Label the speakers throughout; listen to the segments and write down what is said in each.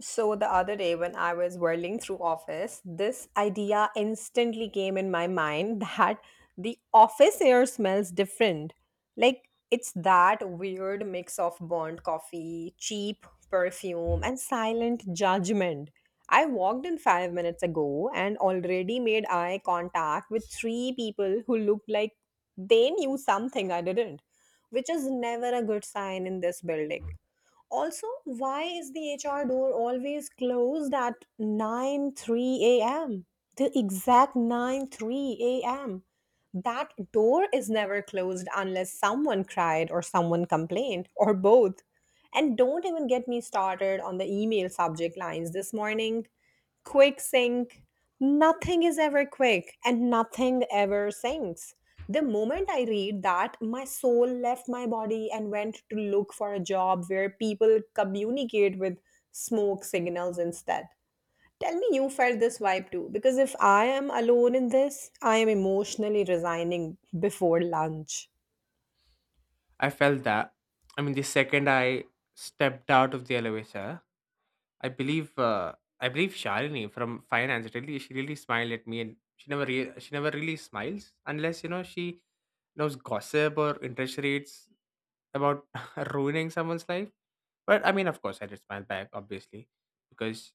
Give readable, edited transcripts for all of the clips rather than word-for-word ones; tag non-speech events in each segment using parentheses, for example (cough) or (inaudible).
Speaker 1: So the other day when I was whirling through office, this idea instantly came in my mind (laughs) that the office air smells different. Like it's that weird mix of burnt coffee, cheap perfume, and silent judgment. I walked in 5 minutes ago and already made eye contact with three people who looked like they knew something I didn't, which is never a good sign in this building. Also, why is the HR door always closed at nine three a.m.? The exact nine three a.m. That door is never closed unless someone cried or someone complained or both. And don't even get me started on the email subject lines this morning quick sync. Nothing is ever quick and nothing ever sinks. The moment I read that, my soul left my body and went to look for a job where people communicate with smoke signals instead. Tell me you felt this vibe too, because if I am alone in this, I am emotionally resigning before lunch.
Speaker 2: I felt that. The second I stepped out of the elevator, I believe Shalini from finance really smiled at me, and she never she never really smiles unless she knows gossip or interest rates about (laughs) ruining someone's life. But I mean, of course, I did smile back, obviously, because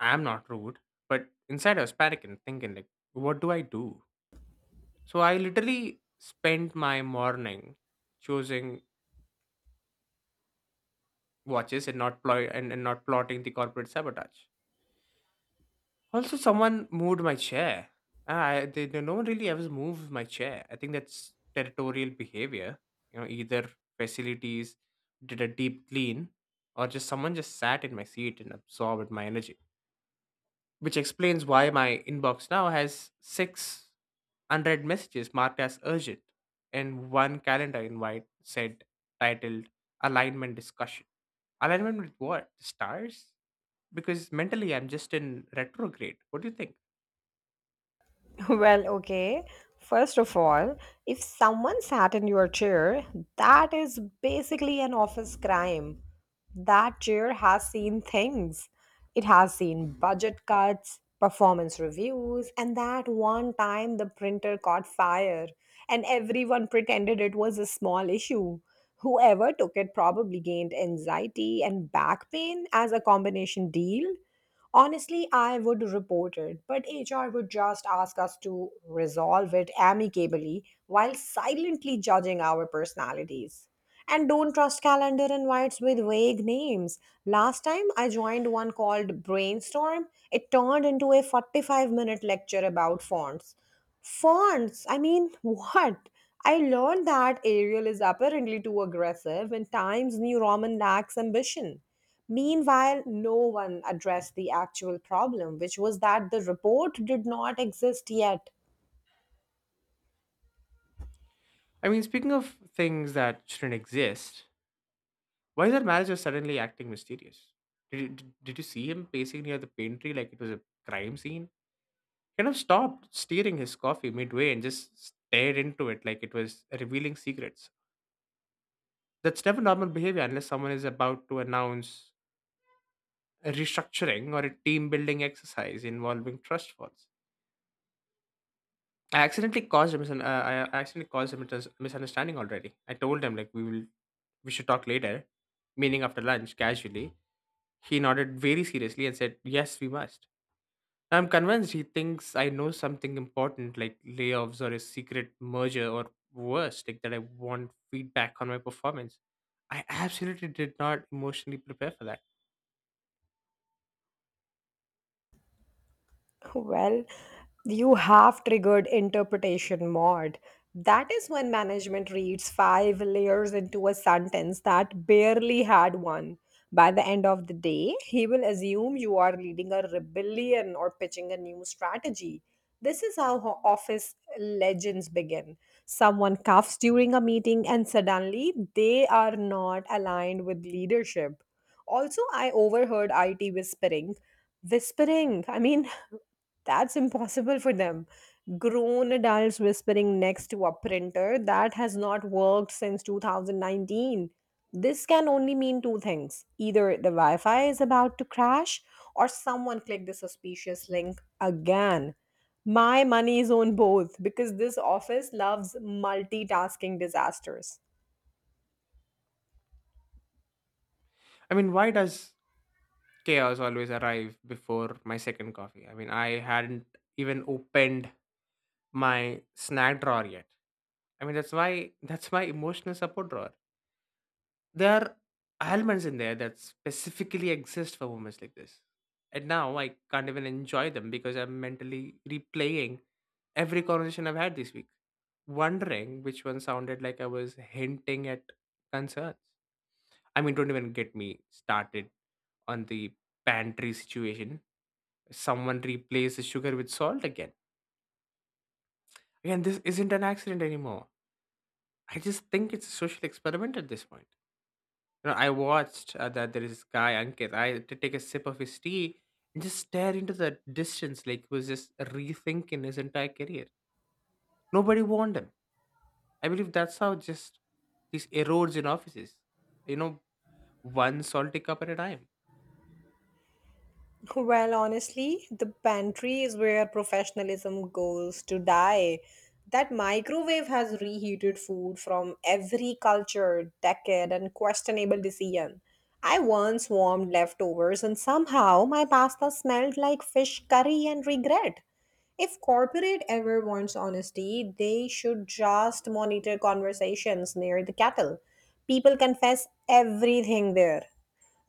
Speaker 2: I am not rude. But inside, I was panicking, thinking like, what do I do? So I literally spent my morning choosing watches and not plotting the corporate sabotage. Also, someone moved my chair. No one really ever moves my chair. I think that's territorial behavior. You know, either facilities did a deep clean, or just someone just sat in my seat and absorbed my energy, which explains why my inbox now has six unread messages marked as urgent, and one calendar invite said titled alignment discussion. Alignment with what? The stars? Because mentally I'm just in retrograde. What do you think?
Speaker 1: (laughs) Well, okay. First of all, if someone sat in your chair, that is basically an office crime. That chair has seen things. It has seen budget cuts, performance reviews, and that one time the printer caught fire and everyone pretended it was a small issue. Whoever took it probably gained anxiety and back pain as a combination deal. Honestly, I would report it, but HR would just ask us to resolve it amicably while silently judging our personalities. And don't trust calendar invites with vague names. Last time I joined one called Brainstorm, it turned into a 45-minute lecture about fonts. Fonts? I mean, (laughs) what? I learned that Arial is apparently too aggressive and Times New Roman lacks ambition. Meanwhile, no one addressed the actual problem, which was that the report did not exist yet.
Speaker 2: Speaking of things that shouldn't exist, why is that manager suddenly acting mysterious? Did you see him pacing near the pantry like it was a crime scene? Kind of stopped steering his coffee midway and just stared into it like it was revealing secrets. That's never normal behavior unless someone is about to announce a restructuring or a team building exercise involving trust falls. I accidentally caused a misun- uh, I accidentally caused a misunderstanding already. I told him like we should talk later, meaning after lunch, casually. He nodded very seriously and said, "Yes, we must." I'm convinced he thinks I know something important, like layoffs or a secret merger, or worse, like that I want feedback on my performance. I absolutely did not emotionally prepare for that.
Speaker 1: Well, you have triggered interpretation mod. That is when management reads five layers into a sentence that barely had one. By the end of the day, he will assume you are leading a rebellion or pitching a new strategy. This is how office legends begin. Someone coughs during a meeting and suddenly they are not aligned with leadership. Also, I overheard IT whispering. Whispering, I mean, (laughs) that's impossible for them. Grown adults whispering next to a printer that has not worked since 2019. This can only mean two things: either the Wi Fi is about to crash, or someone clicked the suspicious link again. My money is on both because this office loves multitasking disasters.
Speaker 2: Why does chaos always arrive before my second coffee? I mean, I hadn't even opened my snack drawer yet. I mean, that's my emotional support drawer. There are elements in there that specifically exist for moments like this. And now I can't even enjoy them because I'm mentally replaying every conversation I've had this week, wondering which one sounded like I was hinting at concerns. I mean, don't even get me started on the pantry situation. Someone replaced the sugar with salt again. Again, this isn't an accident anymore. I just think it's a social experiment at this point. You know, I watched that there is this guy Ankit. I had to take a sip of his tea and just stare into the distance, like he was just rethinking his entire career. Nobody warned him. I believe that's how just this erodes in offices. You know, one salty cup at a time.
Speaker 1: Well, honestly, the pantry is where professionalism goes to die. That microwave has reheated food from every culture, decade, and questionable decision. I once warmed leftovers and somehow my pasta smelled like fish curry and regret. If corporate ever wants honesty, they should just monitor conversations near the kettle. People confess everything there.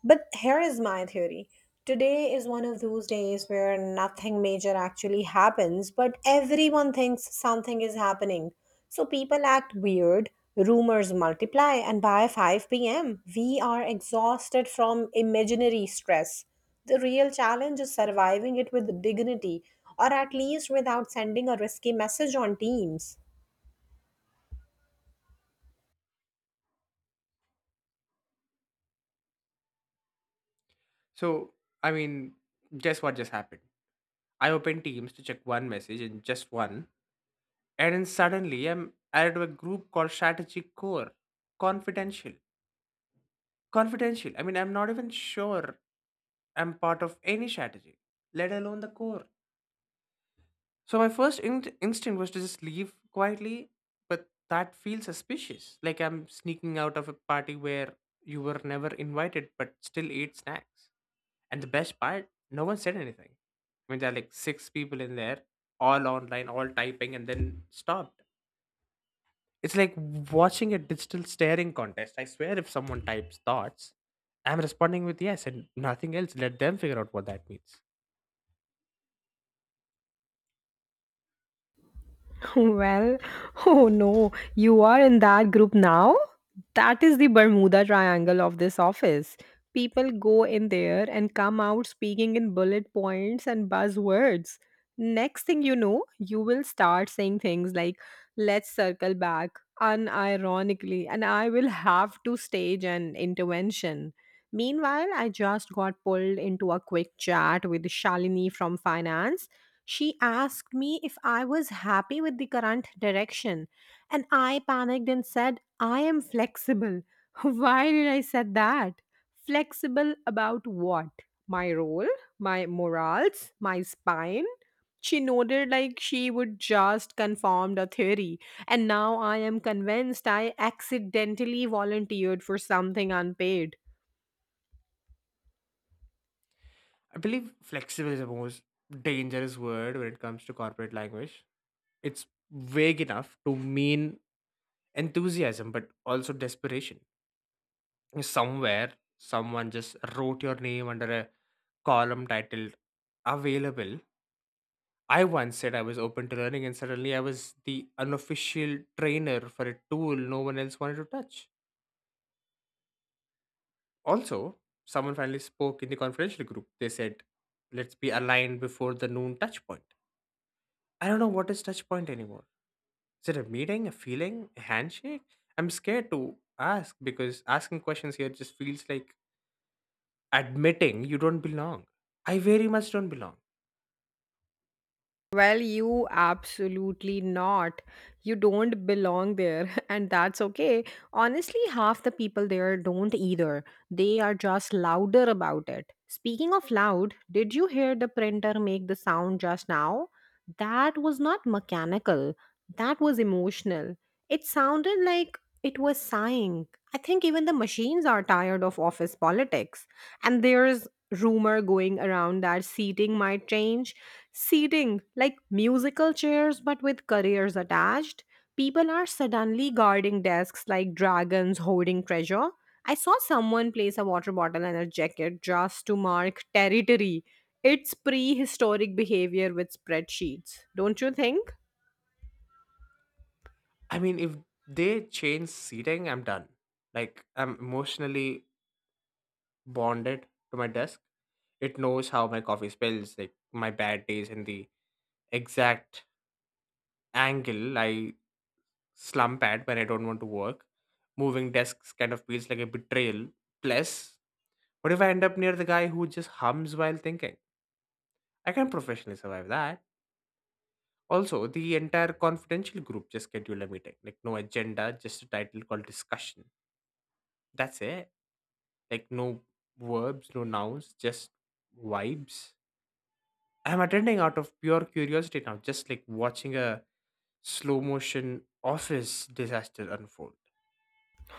Speaker 1: But here is my theory. Today is one of those days where nothing major actually happens, but everyone thinks something is happening. So people act weird, rumors multiply, and by 5 p.m., we are exhausted from imaginary stress. The real challenge is surviving it with dignity, or at least without sending a risky message on Teams.
Speaker 2: So I mean, Guess what just happened? I opened Teams to check one message, and just one, and then suddenly I'm added to a group called Strategy Core, confidential, confidential. I mean, I'm not even sure am part of any strategy, let alone the core. So my first instinct was to just leave quietly, but that feels suspicious. Like I'm sneaking out of a party where you were never invited, but still ate snacks. And the best part, no one said anything. I mean, there are like six people in there, all online, all typing, and then stopped. It's like watching a digital staring contest. I swear, if someone types thoughts, I'm responding with yes and nothing else. Let them figure out what that means.
Speaker 1: (laughs) Well, oh no, you are in that group now? That is the Bermuda Triangle of this office. People go in there and come out speaking in bullet points and buzzwords. Next thing you know, you will start saying things like, let's circle back, unironically, and I will have to stage an intervention. Meanwhile, I just got pulled into a quick chat with Shalini from finance. She asked me if I was happy with the current direction, and I panicked and said, I am flexible. (laughs) Why did I say that? Flexible about what? My role, my morals, my spine? She nodded like she would just confirmed a theory, and now I am convinced I accidentally volunteered for something unpaid.
Speaker 2: I believe flexible is the most dangerous word when it comes to corporate language. It's vague enough to mean enthusiasm, but also desperation. Somewhere, someone just wrote your name under a column titled available. I once said I was open to learning, and suddenly I was the unofficial trainer for a tool no one else wanted to touch. Also, someone finally spoke in the confidential group. They said, "Let's be aligned before the noon touch point." I don't know what is touch point anymore. Is it a meeting, a feeling, a handshake? I'm scared to ask because asking questions here just feels like admitting you don't belong. I very much don't belong.
Speaker 1: Well, you absolutely not. You don't belong there, (laughs) and that's okay. Honestly, half the people there don't either. They are just louder about it. Speaking of loud, did you hear the printer make the sound just now? That was not mechanical, that was emotional. It sounded like it was sighing. I think even the machines are tired of office politics, and there's rumor going around that seating might change. Seating, like musical chairs but with careers attached. People are suddenly guarding desks like dragons hoarding treasure. I saw someone place a water bottle and a jacket just to mark territory. It's prehistoric behavior with spreadsheets, don't you think?
Speaker 2: I mean, if they change seating, I'm done. Like, I'm emotionally bonded to my desk. It knows how my coffee spills, like my bad days, and the exact angle I slump at when I don't want to work. Moving desks kind of feels like a betrayal. Plus, what if I end up near the guy who just hums while thinking? I can professionally survive that. Also, the entire confidential group just scheduled a meeting. Like, no agenda, just a title called discussion. That's it. Like, no verbs, no nouns, just vibes. I'm attending out of pure curiosity now, just like watching a slow motion office disaster unfold.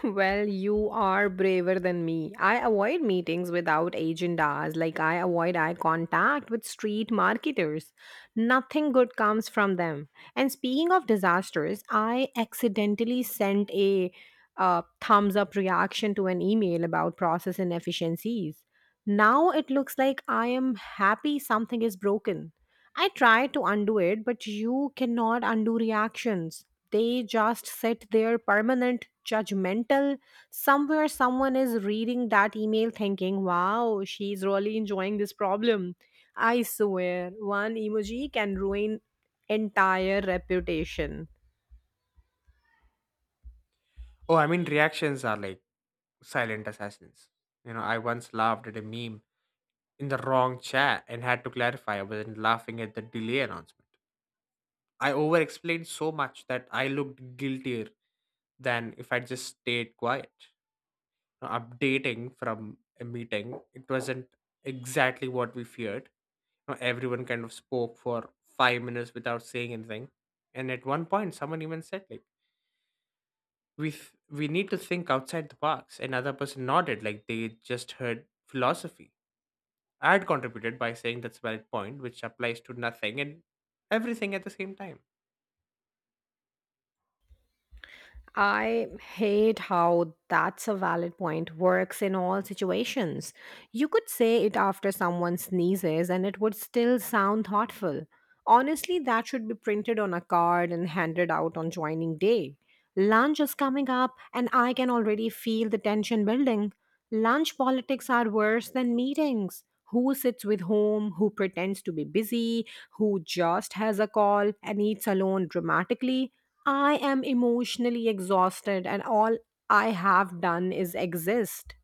Speaker 1: Well, you are braver than me. I avoid meetings without agendas, like I avoid eye contact with street marketers. Nothing good comes from them. And speaking of disasters, I accidentally sent a thumbs up reaction to an email about process inefficiencies. Now it looks like I am happy something is broken. I try to undo it, but you cannot undo reactions. They just sit there permanent, judgmental. Somewhere someone is reading that email thinking, wow, she's really enjoying this problem. I swear, one emoji can ruin entire reputation.
Speaker 2: Oh, I mean, reactions are like silent assassins. You know, I once laughed at a meme in the wrong chat and had to clarify. I wasn't laughing at the delay announcement. I over explained so much that I looked guiltier than if I just stayed quiet. Now, updating from a meeting, it wasn't exactly what we feared. Now, everyone kind of spoke for 5 minutes without saying anything. And at one point, someone even said, like, we need to think outside the box. Another person nodded, like they just heard philosophy. I had contributed by saying that's a valid point, which applies to nothing and everything at the same time.
Speaker 1: I hate how that's a valid point works in all situations. You could say it after someone sneezes and it would still sound thoughtful. Honestly, that should be printed on a card and handed out on joining day. Lunch is coming up and I can already feel the tension building. Lunch politics are worse than meetings. Who sits with whom, who pretends to be busy, who just has a call and eats alone dramatically. I am emotionally exhausted, and all I have done is exist.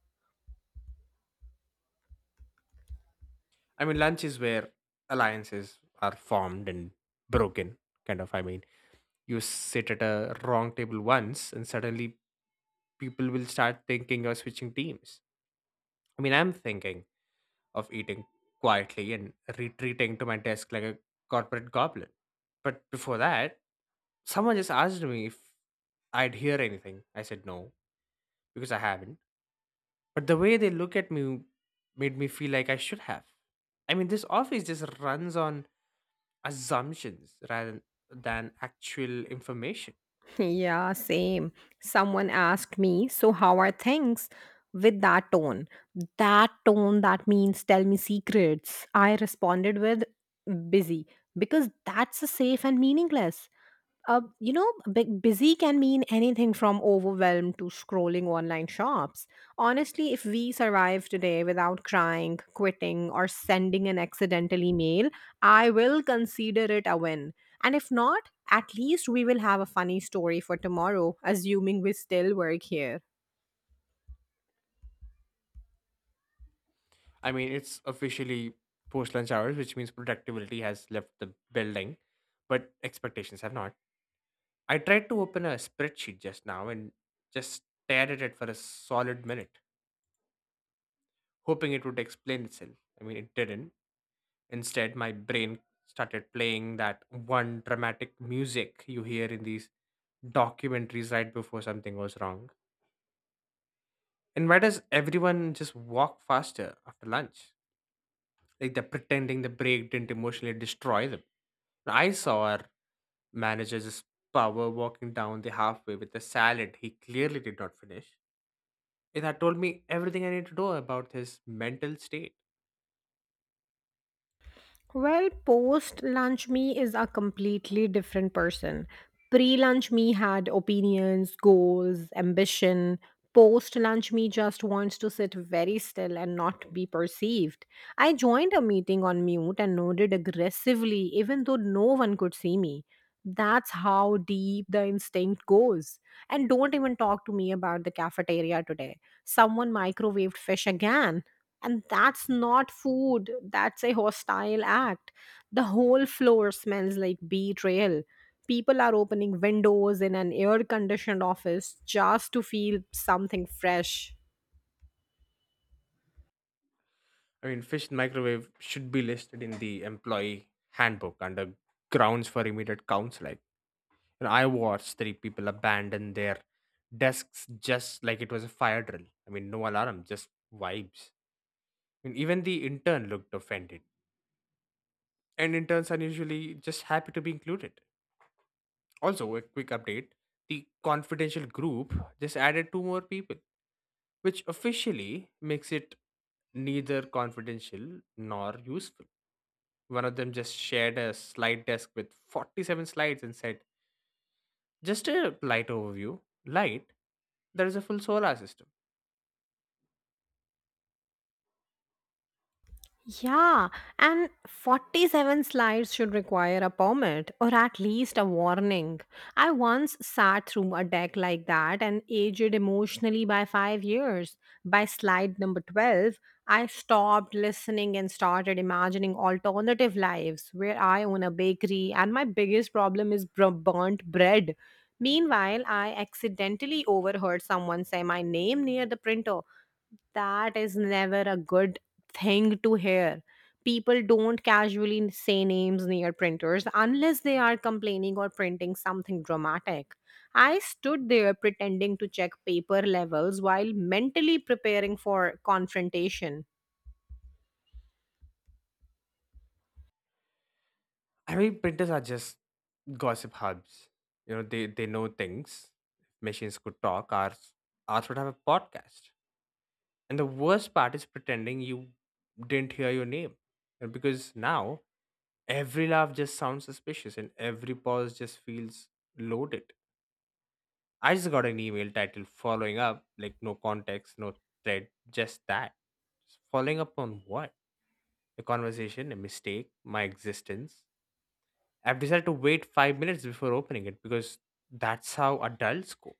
Speaker 2: I mean, lunch is where alliances are formed and broken, kind of. I mean, you sit at a wrong table once, and suddenly people will start thinking you're switching teams. I mean, I'm thinking of eating quietly and retreating to my desk like a corporate goblin. But before that, someone just asked me if I'd hear anything. I said no, because I haven't. But the way they look at me made me feel like I should have. I mean, this office just runs on assumptions rather than actual information.
Speaker 1: (laughs) Yeah, same. Someone asked me, So, how are things? With that tone. That tone that means tell me secrets. I responded with busy because that's a safe and meaningless. Busy can mean anything from overwhelmed to scrolling online shops. Honestly, if we survive today without crying, quitting, or sending an accidental email, I will consider it a win. And if not, at least we will have a funny story for tomorrow, assuming we still work here.
Speaker 2: I mean, it's officially post lunch hours, which means productivity has left the building, but expectations have not. I tried to open a spreadsheet just now and just stared at it for a solid minute, hoping it would explain itself. I mean, it didn't. Instead, my brain started playing that one dramatic music you hear in these documentaries right before something goes wrong. And why does everyone just walk faster after lunch? Like they're pretending the break didn't emotionally destroy them. I saw our manager just power walking down the halfway with a salad he clearly did not finish. It had told me everything I need to know about his mental state.
Speaker 1: Well, post lunch me is a completely different person. Pre lunch me had opinions, goals, ambition. Post lunch me just wants to sit very still and not be perceived. I joined a meeting on mute and nodded aggressively, even though no one could see me. That's how deep the instinct goes. And don't even talk to me about the cafeteria today. Someone microwaved fish again and that's not food, that's a hostile act. The whole floor smells like betrayal. People are opening windows in an air conditioned office just to feel something fresh.
Speaker 2: I mean, fish in microwave should be listed in the employee handbook under grounds for immediate counseling. And I watched three people abandon their desks just like it was a fire drill. I mean, no alarm, just vibes. I mean, even the intern looked offended. And interns are usually just happy to be included. Also, a quick update: the confidential group just added two more people, which officially makes it neither confidential nor useful. One of them just shared a slide desk with 47 slides and said, "Just a light overview." Light, there is a full solar system.
Speaker 1: Yeah, and 47 slides should require a permit or at least a warning. I once sat through a deck like that and aged emotionally by 5 years. By slide number 12, I stopped listening and started imagining alternative lives where I own a bakery and my biggest problem is burnt bread. Meanwhile, I accidentally overheard someone say my name near the printer. That is never a good thing to hear. People don't casually say names near printers unless they are complaining or printing something dramatic. I stood there pretending to check paper levels while mentally preparing for confrontation.
Speaker 2: I mean, printers are just gossip hubs. You know, they know things. Machines could talk. Ours would have a podcast. And the worst part is pretending you didn't hear your name. And because now every laugh just sounds suspicious and every pause just feels loaded. I just got an email titled following up, like no context, no thread, just that. Just following up on what? A conversation, a mistake, my existence. I've decided to wait 5 minutes before opening it because that's how adults go.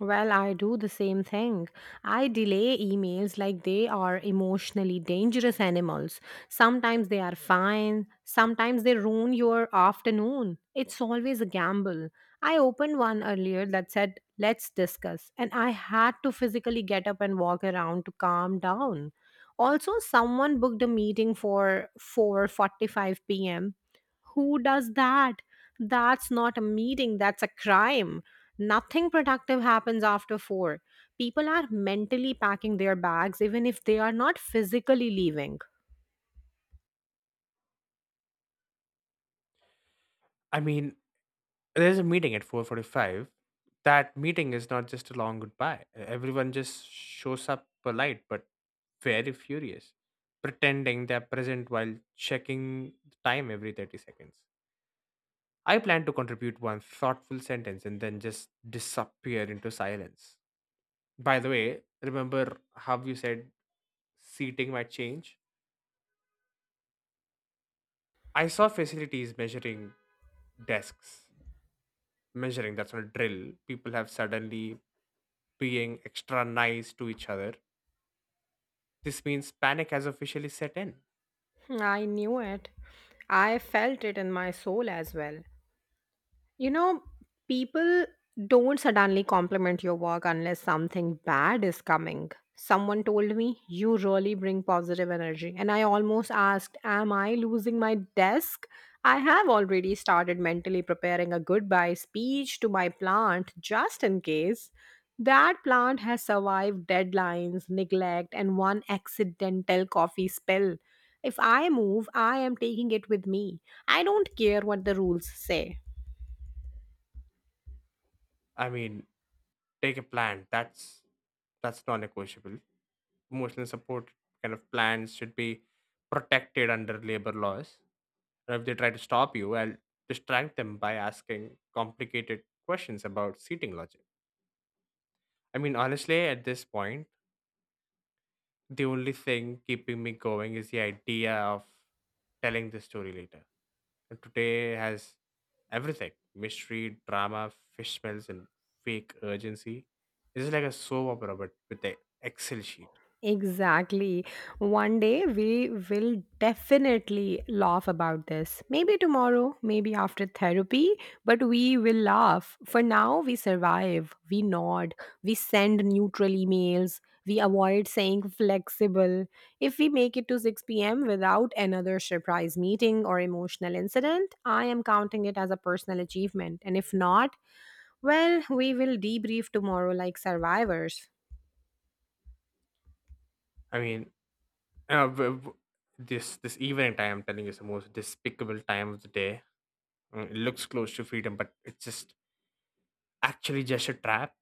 Speaker 1: Well, I do the same thing. I delay emails like they are emotionally dangerous animals. Sometimes they are fine, sometimes they ruin your afternoon. It's always a gamble. I opened one earlier that said, Let's discuss, and I had to physically get up and walk around to calm down. Also, someone booked a meeting for 4:45 p.m. Who does that? That's not a meeting, that's a crime. Nothing productive happens after 4. People are mentally packing their bags even if they are not physically leaving.
Speaker 2: I mean, there's a meeting at 4:45. That meeting is not just a long goodbye. Everyone just shows up polite but very furious, pretending they're present while checking the time every 30 seconds. I plan to contribute one thoughtful sentence and then just disappear into silence. By the way, remember how you said seating might change? I saw facilities measuring desks, measuring that's on a drill. People have suddenly being extra nice to each other. This means panic has officially set in.
Speaker 1: I knew it. I felt it in my soul as well. You know, people don't suddenly compliment your work unless something bad is coming. Someone told me, You really bring positive energy. And I almost asked, Am I losing my desk? I have already started mentally preparing a goodbye speech to my plant just in case. That plant has survived deadlines, neglect, and one accidental coffee spill. If I move, I am taking it with me. I don't care what the rules say.
Speaker 2: I mean, take a plan. That's non-negotiable. Emotional support kind of plans should be protected under labor laws. Or if they try to stop you, I'll distract them by asking complicated questions about seating logic. I mean, honestly, at this point, the only thing keeping me going is the idea of telling the story later. And today has everything: mystery, drama, fish smells, and fake urgency. This is like a soap opera, but with the Excel sheet.
Speaker 1: Exactly. One day we will definitely laugh about this. Maybe tomorrow, maybe after therapy, but we will laugh. For now, we survive. We nod. We send neutral emails. We avoid saying flexible. If we make it to 6 p.m. without another surprise meeting or emotional incident, I am counting it as a personal achievement. And if not, well, we will debrief tomorrow like survivors.
Speaker 2: I mean, uh, w- w- this evening time, I'm telling you, is the most despicable time of the day. It looks close to freedom, but it's just actually just a trap.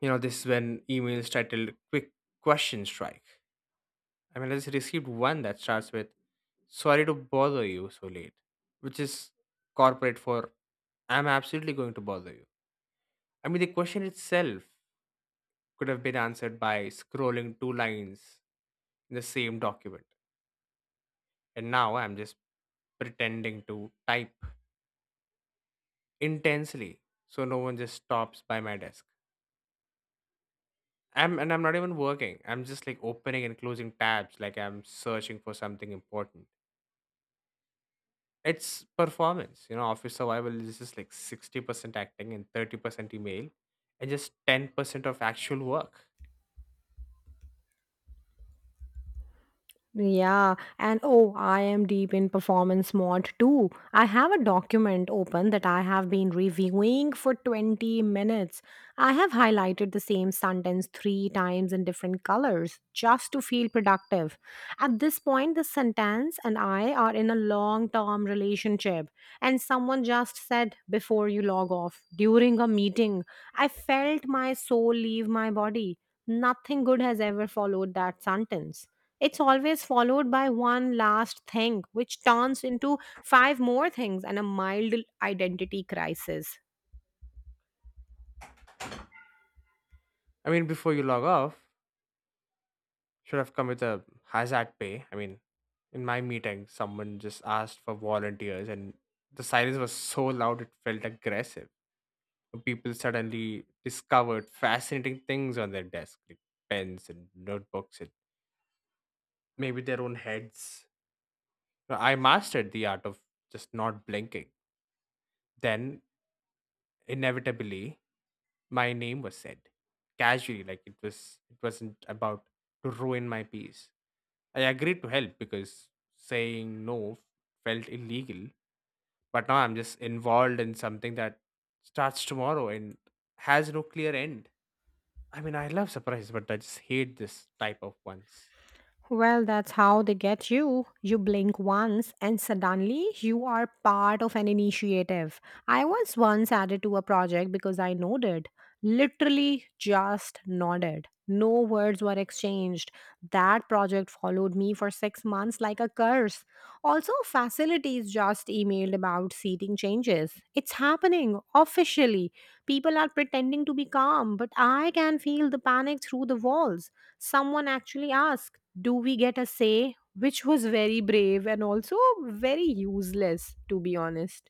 Speaker 2: You know, this is when emails titled Quick Question Strike. I just received one that starts with, "Sorry to bother you so late," which is corporate for, "I'm absolutely going to bother you." The question itself could have been answered by scrolling two lines in the same document. And now I'm just pretending to type intensely so no one just stops by my desk. I'm not even working. I'm just like opening and closing tabs, like I'm searching for something important. It's performance, you know. Office survival is just like 60% acting and 30% email, and just 10% of actual work.
Speaker 1: Yeah, and oh, I am deep in performance mod too. I have a document open that I have been reviewing for 20 minutes. I have highlighted the same sentence three times in different colors just to feel productive. At this point, the sentence and I are in a long term relationship, and someone just said, Before you log off, during a meeting, I felt my soul leave my body. Nothing good has ever followed that sentence. It's always followed by one last thing, which turns into five more things and a mild identity crisis.
Speaker 2: Before you log off, should have come with a hazard pay. In my meeting, someone just asked for volunteers, and the silence was so loud it felt aggressive. People suddenly discovered fascinating things on their desk, like pens and notebooks and maybe their own heads. I mastered the art of just not blinking. Then inevitably my name was said. Casually, like it wasn't about to ruin my peace. I agreed to help because saying no felt illegal. But now I'm just involved in something that starts tomorrow and has no clear end. I love surprises, but I just hate this type of ones.
Speaker 1: Well, that's how they get you. You blink once and suddenly you are part of an initiative. I was once added to a project because I nodded. Literally just nodded. No words were exchanged. That project followed me for 6 months like a curse. Also, facilities just emailed about seating changes. It's happening officially. People are pretending to be calm, but I can feel the panic through the walls. Someone actually asked, Do we get a say? Which was very brave and also very useless, to be honest.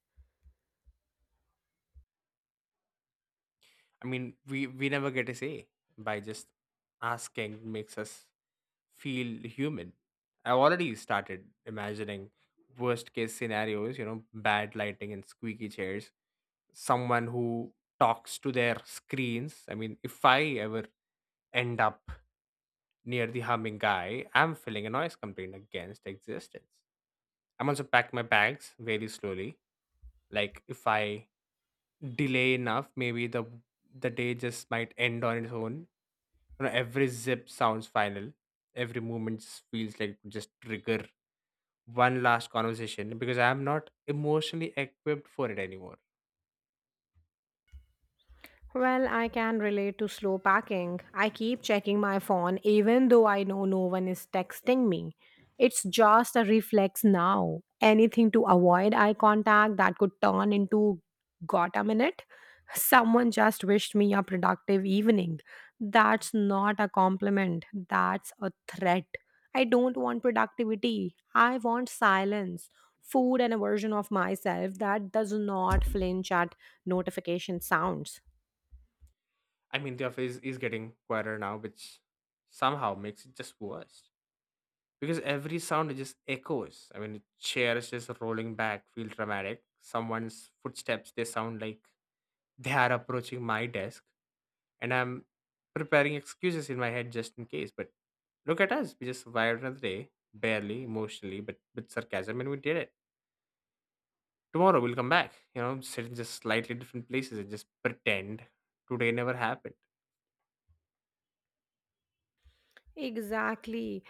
Speaker 2: We never get a say by just asking makes us feel human. I already started imagining worst case scenarios, you know, bad lighting and squeaky chairs, someone who talks to their screens. If I ever end up near the humming guy, I'm filling a noise complaint against existence. I'm also packing my bags very slowly. Like if I delay enough, maybe the day just might end on its own. You know, every zip sounds final. Every movement just feels like it just trigger one last conversation because I am not emotionally equipped for it anymore.
Speaker 1: Well, I can relate to slow packing. I keep checking my phone even though I know no one is texting me. It's just a reflex now. Anything to avoid eye contact that could turn into got a minute? (laughs) Someone just wished me a productive evening. That's not a compliment, that's a threat. I don't want productivity. I want silence, food, and a version of myself that does not flinch at notification sounds.
Speaker 2: The office is getting quieter now, which somehow makes it just worse because every sound just echoes. Chairs just rolling back feel dramatic. Someone's footsteps, they sound like they are approaching my desk and I'm preparing excuses in my head just in case. But look at us. We just survived another day, barely, emotionally, but with sarcasm, and we did it. Tomorrow we'll come back, you know, sit in just slightly different places and just pretend today never happened.
Speaker 1: Exactly.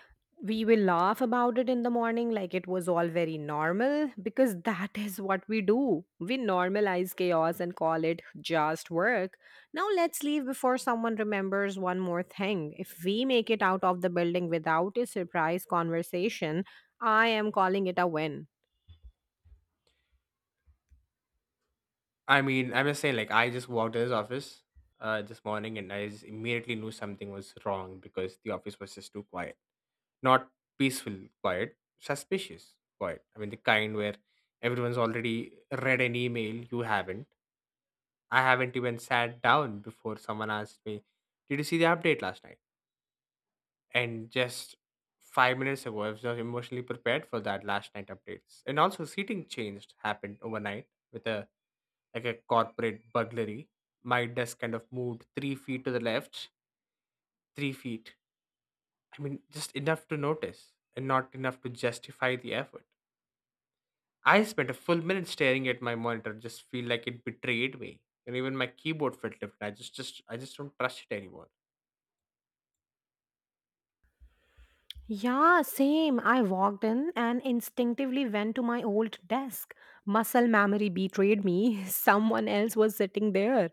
Speaker 1: We will laugh about it in the morning like it was all very normal because that (laughs) is what we do. We normalize chaos and call it just work. Now let's leave before someone remembers one more thing. If we make it out of the building without a surprise conversation, I am calling it a win.
Speaker 2: I'm just saying, like, I just walked in his office this morning and I just immediately knew something was wrong because the office was just too quiet. Not peaceful, quiet, suspicious, quiet. The kind where everyone's already read an email, you haven't I haven't even sat down before someone asked me, "Did you see the update last night?" And just 5 minutes ago, I was not emotionally prepared for that last night updates. And also, seating changed happened overnight with a like a corporate burglary. My desk kind of moved 3 feet to the left, 3 feet. Just enough to notice and not enough to justify the effort. I spent a full minute staring at my monitor, just feel like it betrayed me. And even my keyboard felt different. I just don't trust it anymore.
Speaker 1: Yeah, same. I walked in and instinctively went to my old desk. Muscle memory betrayed me. (laughs) Someone else was sitting there.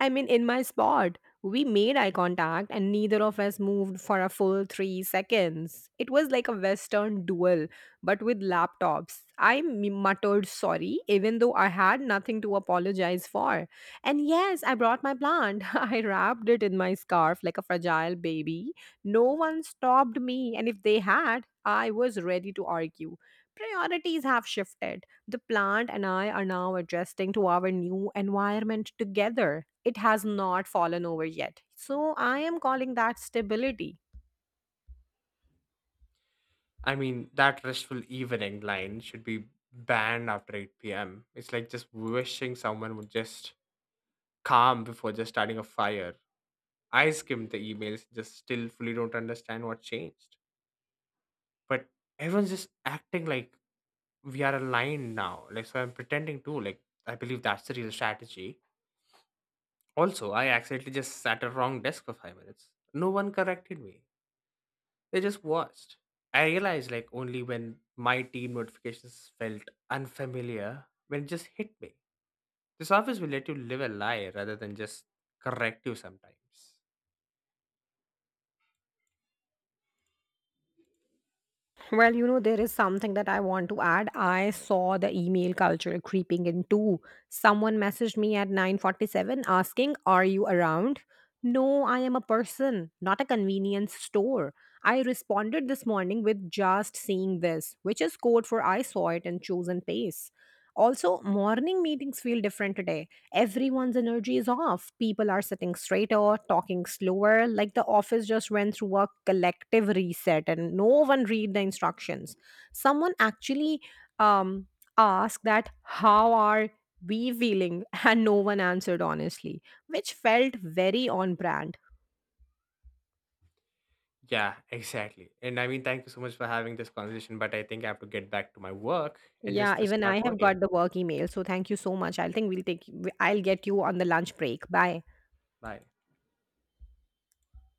Speaker 1: I mean, in my spot, we made eye contact and neither of us moved for a full 3 seconds. It was like a Western duel, but with laptops. I muttered sorry, even though I had nothing to apologize for. And yes, I brought my plant. (laughs) I wrapped it in my scarf like a fragile baby. No one stopped me, and if they had, I was ready to argue. Priorities have shifted. The plant and I are now adjusting to our new environment together. It has not fallen over yet. So I am calling that stability.
Speaker 2: That restful evening line should be banned after 8 p.m. It's like just wishing someone would just calm before just starting a fire. I skimmed the emails, just still fully don't understand what changed. But everyone's just acting like we are aligned now. Like, so I'm pretending to, like, I believe that's the real strategy. Also, I accidentally just sat at wrong desk for 5 minutes. No one corrected me. They just watched. I realized, like, only when my team notifications felt unfamiliar, when it just hit me. This office will let you live a lie rather than just correct you sometimes.
Speaker 1: Well, you know, there is something that I want to add. I saw the email culture creeping in too. Someone messaged me at 9:47 asking, "Are you around?" No, I am a person, not a convenience store. I responded this morning with just seeing this, which is code for I saw it and chosen pace. Also, morning meetings feel different today. Everyone's energy is off. People are sitting straighter, talking slower, like the office just went through a collective reset and no one read the instructions. Someone actually um, asked that, How are we feeling? (laughs) And no one answered honestly, which felt very on brand.
Speaker 2: Yeah, (laughs) exactly. And thank you so much for having this conversation, but I think I have to get back to my work and
Speaker 1: Yeah,
Speaker 2: just
Speaker 1: even
Speaker 2: start
Speaker 1: I have
Speaker 2: working.
Speaker 1: got the work email. So thank you so much. I think we'll take, I'll get you on the lunch break. Bye.
Speaker 2: Bye.